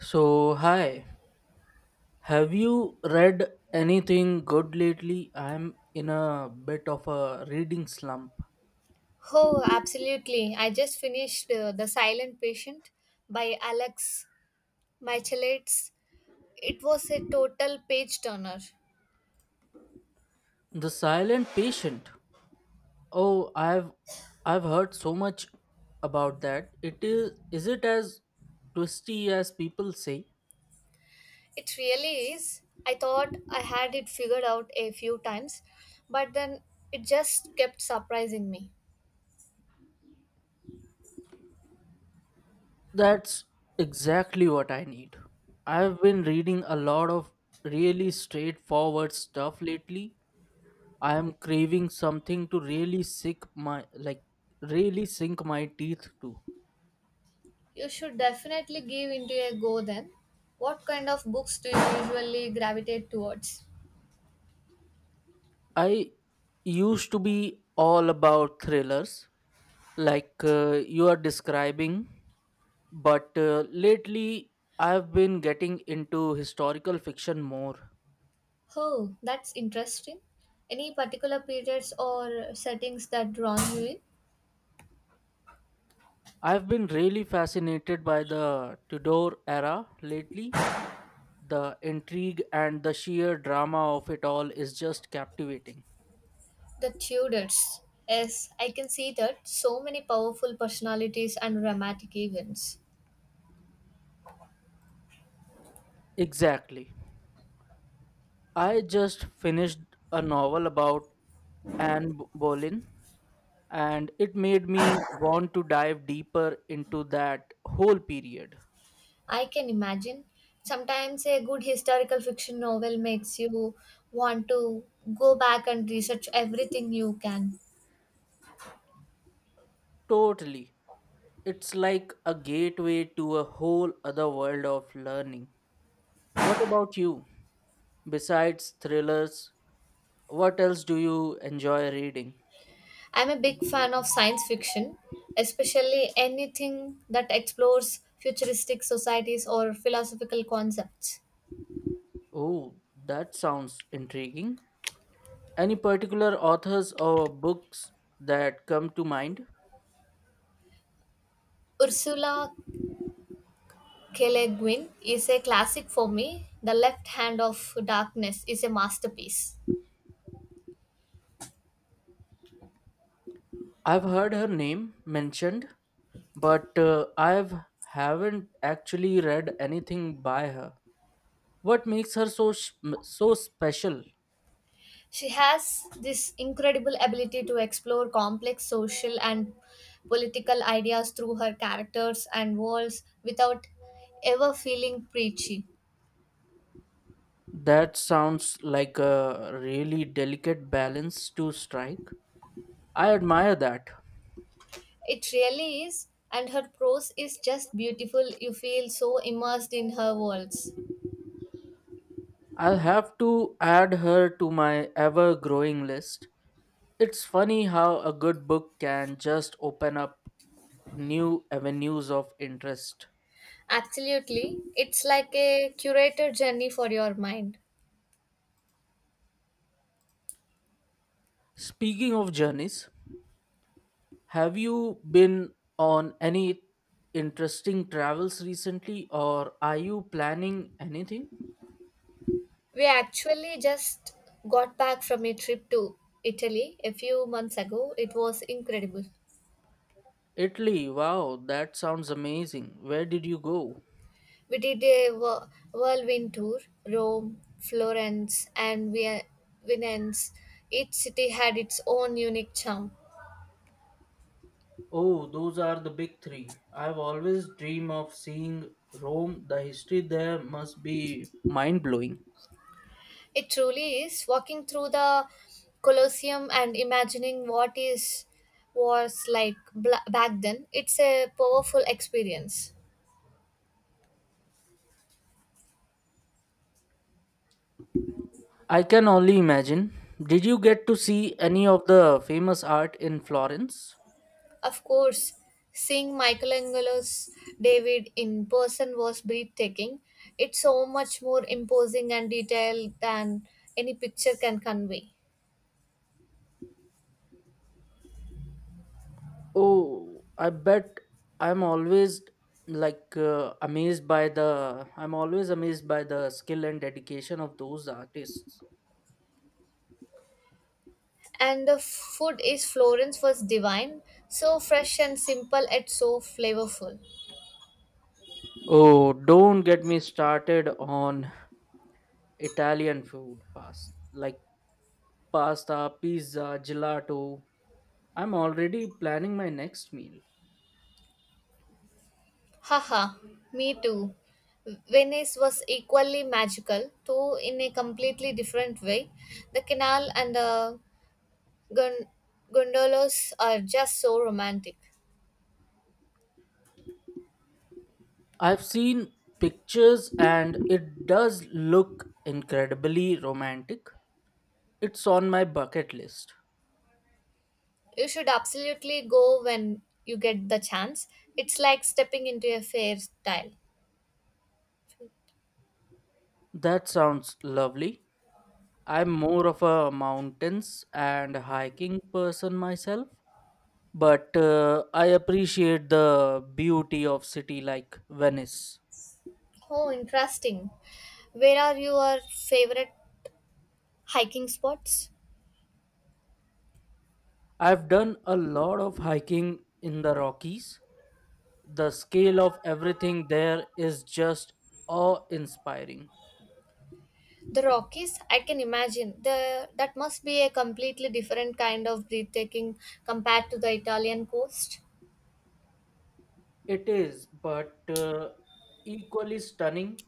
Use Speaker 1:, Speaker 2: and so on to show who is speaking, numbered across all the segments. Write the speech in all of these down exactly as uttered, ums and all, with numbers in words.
Speaker 1: So, hi, have you read anything good lately? I'm in a bit of a reading slump.
Speaker 2: Oh, absolutely. I just finished uh, The Silent Patient by Alex Michaelides. It was a total page turner.
Speaker 1: The Silent Patient. Oh, I've I've heard so much about that. It is is it as twisty as people say?
Speaker 2: It really is. I thought I had it figured out a few times, but then it just kept surprising me.
Speaker 1: That's exactly what I need. I've been reading a lot of really straightforward stuff lately. I am craving something to really sink my like really sink my teeth to.
Speaker 2: You should definitely give into a go then. What kind of books do you usually gravitate towards?
Speaker 1: I used to be all about thrillers like uh, you are describing, but uh, lately I've been getting into historical fiction more.
Speaker 2: Oh, that's interesting. Any particular periods or settings that drawn you in?
Speaker 1: I've been really fascinated by the Tudor era lately. The intrigue and the sheer drama of it all is just captivating.
Speaker 2: The Tudors. Yes, I can see that. So many powerful personalities and dramatic events.
Speaker 1: Exactly. I just finished a novel about Anne B- Boleyn, and it made me want to dive deeper into that whole period.
Speaker 2: I can imagine. Sometimes a good historical fiction novel makes you want to go back and research everything you can.
Speaker 1: Totally. It's like a gateway to a whole other world of learning. What about you? Besides thrillers, what else do you enjoy reading?
Speaker 2: I'm a big fan of science fiction, especially anything that explores futuristic societies or philosophical concepts.
Speaker 1: Oh, that sounds intriguing. Any particular authors or books that come to mind?
Speaker 2: Ursula K. Le Guin is a classic for me. The Left Hand of Darkness is a masterpiece.
Speaker 1: I've heard her name mentioned, but uh, I've haven't actually read anything by her. What makes her so s- m- so special?
Speaker 2: She has this incredible ability to explore complex social and political ideas through her characters and worlds without ever feeling preachy.
Speaker 1: That sounds like a really delicate balance to strike. I admire that.
Speaker 2: It really is, and her prose is just beautiful. You feel so immersed in her worlds.
Speaker 1: I'll have to add her to my ever growing list. It's funny how a good book can just open up new avenues of interest.
Speaker 2: Absolutely. It's like a curated journey for your mind.
Speaker 1: Speaking of journeys, have you been on any interesting travels recently, or are you planning anything?
Speaker 2: We actually just got back from a trip to Italy a few months ago. It was incredible.
Speaker 1: Italy, wow, that sounds amazing. Where did you go?
Speaker 2: We did a whir- whirlwind tour, Rome, Florence, and Vien- Venice. Each city had its own unique charm.
Speaker 1: Oh, those are the big three. I've always dreamed of seeing Rome. The history there must be mind blowing.
Speaker 2: It truly is walking through the Colosseum and imagining what is was like bla- back then. It's a powerful experience.
Speaker 1: I can only imagine. Did you get to see any of the famous art in Florence?
Speaker 2: Of course, seeing Michelangelo's David in person was breathtaking. It's so much more imposing and detailed than any picture can convey.
Speaker 1: Oh, I bet. I'm always like uh, amazed by the I'm always amazed by the skill and dedication of those artists.
Speaker 2: And the food is Florence was divine, so fresh and simple yet so flavorful.
Speaker 1: Oh, don't get me started on Italian food, past like pasta, pizza, gelato. I'm already planning my next meal.
Speaker 2: Haha, me too. Venice was equally magical, though in a completely different way. The canal and the gon- gondolas are just so romantic.
Speaker 1: I've seen pictures and it does look incredibly romantic. It's on my bucket list.
Speaker 2: You should absolutely go when you get the chance. It's like stepping into a fair tale.
Speaker 1: That sounds lovely. I'm more of a mountains and hiking person myself, but uh, I appreciate the beauty of city like Venice.
Speaker 2: Oh, interesting. Where are your favorite hiking spots?
Speaker 1: I've done a lot of hiking in the Rockies. The scale of everything there is just awe-inspiring.
Speaker 2: The Rockies, I can imagine. The That must be a completely different kind of breathtaking compared to the Italian coast.
Speaker 1: It is, but uh, equally stunning.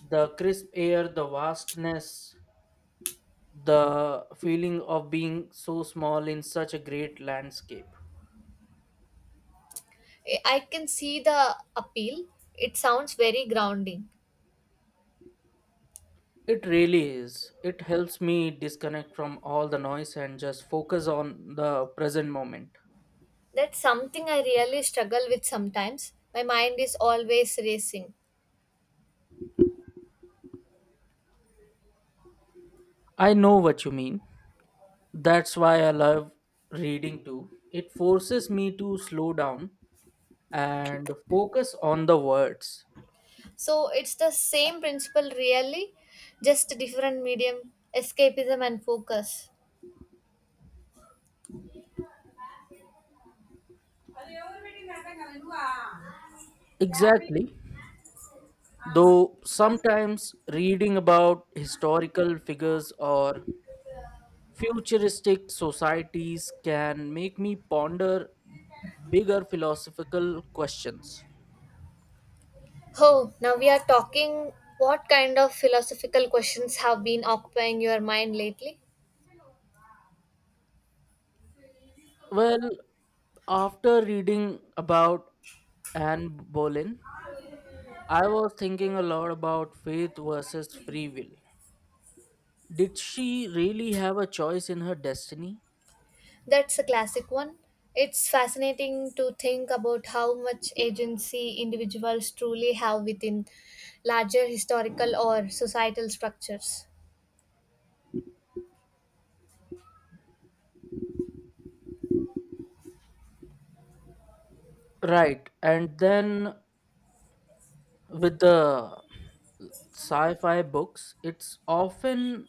Speaker 1: The crisp air, the vastness, the feeling of being so small in such a great landscape.
Speaker 2: I I can see the appeal. It sounds very grounding.
Speaker 1: It really is. It helps me disconnect from all the noise and just focus on the present moment.
Speaker 2: That's something I really struggle with sometimes. My mind is always racing.
Speaker 1: I know what you mean. That's why I love reading too. It forces me to slow down and focus on the words.
Speaker 2: So it's the same principle really, just a different medium, escapism and focus.
Speaker 1: Exactly. Though sometimes reading about historical figures or futuristic societies can make me ponder bigger philosophical questions.
Speaker 2: Oh, now we are talking. What kind of philosophical questions have been occupying your mind lately?
Speaker 1: Well, after reading about Anne Boleyn, I was thinking a lot about faith versus free will. Did she really have a choice in her destiny?
Speaker 2: That's a classic one. It's fascinating to think about how much agency individuals truly have within larger historical or societal structures.
Speaker 1: Right. And then with the sci fi books, it's often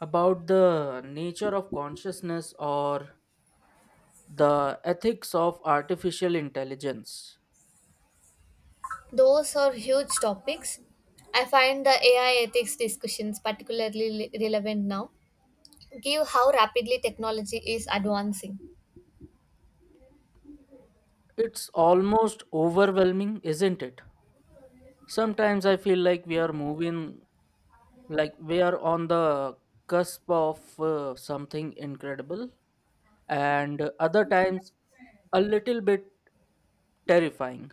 Speaker 1: about the nature of consciousness or the ethics of artificial intelligence.
Speaker 2: Those are huge topics. I find the A I ethics discussions particularly le- relevant now, give how rapidly technology is advancing.
Speaker 1: It's almost overwhelming, isn't it? Sometimes I feel like we are moving like we are on the cusp of uh, something incredible, and uh, other times a little bit terrifying.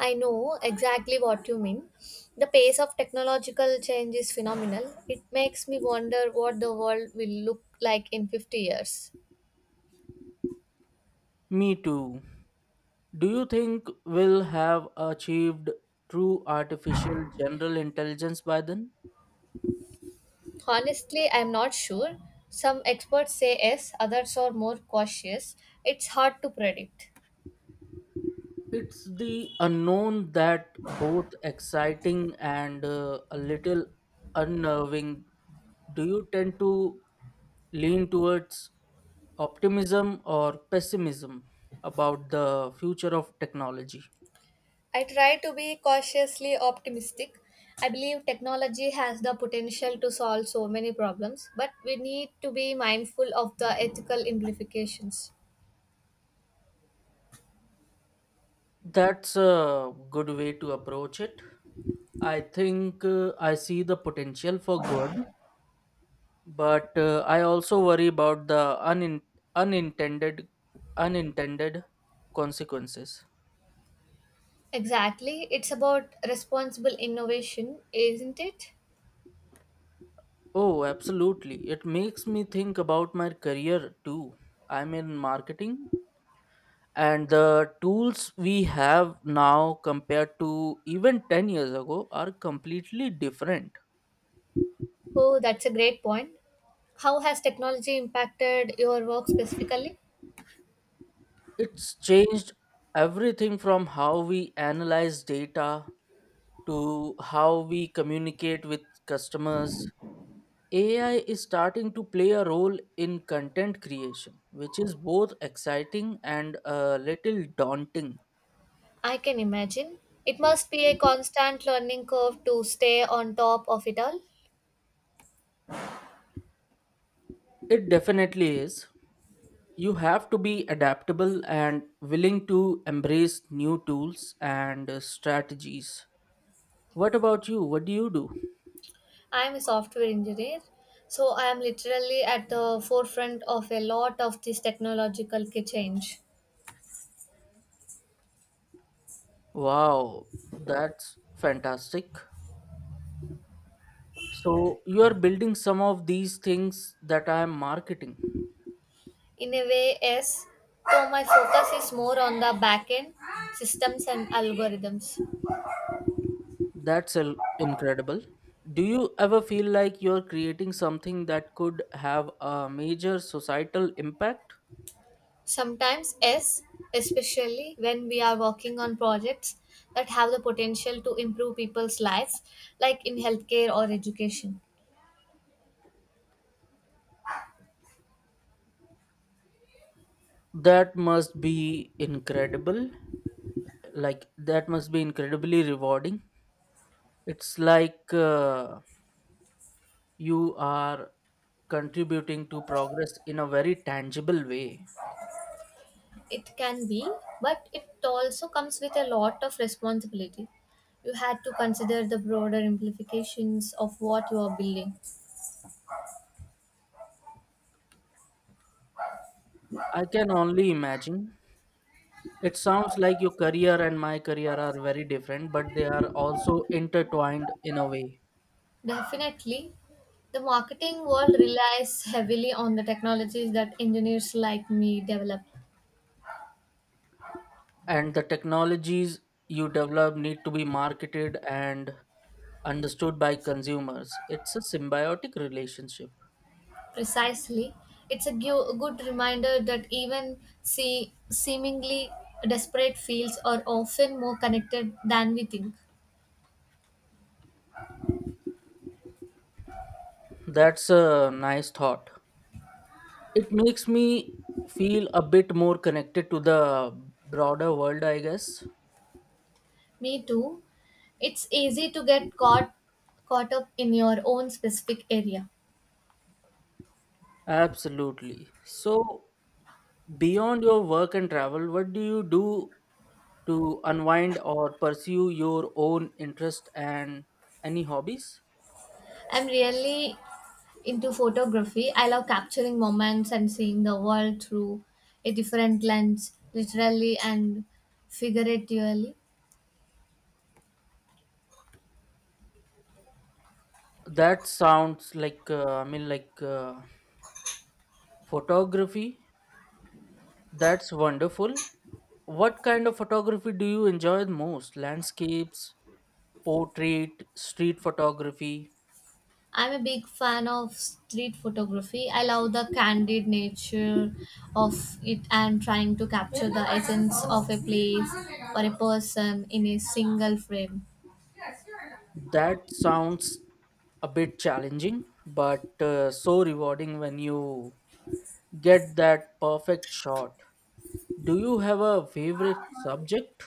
Speaker 2: I know exactly what you mean. The pace of technological change is phenomenal. It makes me wonder what the world will look like in fifty years.
Speaker 1: Me too. Do you think we'll have achieved true artificial general intelligence by then?
Speaker 2: Honestly, I'm not sure. Some experts say yes, others are more cautious. It's hard to predict.
Speaker 1: It's the unknown that both exciting and uh, a little unnerving. Do you tend to lean towards optimism or pessimism about the future of technology?
Speaker 2: I try to be cautiously optimistic. I believe technology has the potential to solve so many problems, but we need to be mindful of the ethical implications.
Speaker 1: That's a good way to approach it. I think uh, I see the potential for good, but uh, I also worry about the unin- unintended unintended consequences.
Speaker 2: Exactly, it's about responsible innovation, isn't it?
Speaker 1: Oh, absolutely. It makes me think about my career too. I'm in marketing, and the tools we have now compared to even ten years ago are completely different.
Speaker 2: Oh, that's a great point. How has technology impacted your work specifically?
Speaker 1: It's changed everything, from how we analyze data to how we communicate with customers. AI is starting to play a role in content creation, which is both exciting and a little daunting.
Speaker 2: I can imagine. It must be a constant learning curve to stay on top of it all.
Speaker 1: It definitely is. You have to be adaptable and willing to embrace new tools and uh, strategies. What about you? What do you do?
Speaker 2: I'm a software engineer, so I am literally at the forefront of a lot of this technological ki- change.
Speaker 1: Wow, that's fantastic. So, you are building some of these things that I am marketing.
Speaker 2: In a way, yes, so my focus is more on the back end systems and algorithms.
Speaker 1: That's el- incredible. Do you ever feel like you're creating something that could have a major societal impact?
Speaker 2: Sometimes, yes, especially when we are working on projects that have the potential to improve people's lives, like in healthcare or education.
Speaker 1: That must be incredible. Like, that must be incredibly rewarding. It's like uh, you are contributing to progress in a very tangible way.
Speaker 2: It can be, but it also comes with a lot of responsibility. You had to consider the broader implications of what you are building.
Speaker 1: I can only imagine. It sounds like your career and my career are very different, but they are also intertwined in a way.
Speaker 2: Definitely, the marketing world relies heavily on the technologies that engineers like me develop.
Speaker 1: And the technologies you develop need to be marketed and understood by consumers. It's a symbiotic relationship.
Speaker 2: Precisely, it's a gu- good reminder that even see, seemingly desperate fields are often more connected than we think.
Speaker 1: That's a nice thought. It makes me feel a bit more connected to the broader world, I guess.
Speaker 2: Me too. It's easy to get caught caught up in your own specific area.
Speaker 1: Absolutely. So, beyond your work and travel, what do you do to unwind or pursue your own interest and any hobbies?
Speaker 2: I'm really into photography. I love capturing moments and seeing the world through a different lens, literally and figuratively.
Speaker 1: That sounds like, uh, I mean, like uh, photography. That's wonderful. What kind of photography do you enjoy the most? Landscapes, portrait, street photography?
Speaker 2: I'm a big fan of street photography. I love the candid nature of it and trying to capture the essence of a place or a person in a single frame.
Speaker 1: That sounds a bit challenging, but uh, so rewarding when you get that perfect shot. Do you have a favorite subject?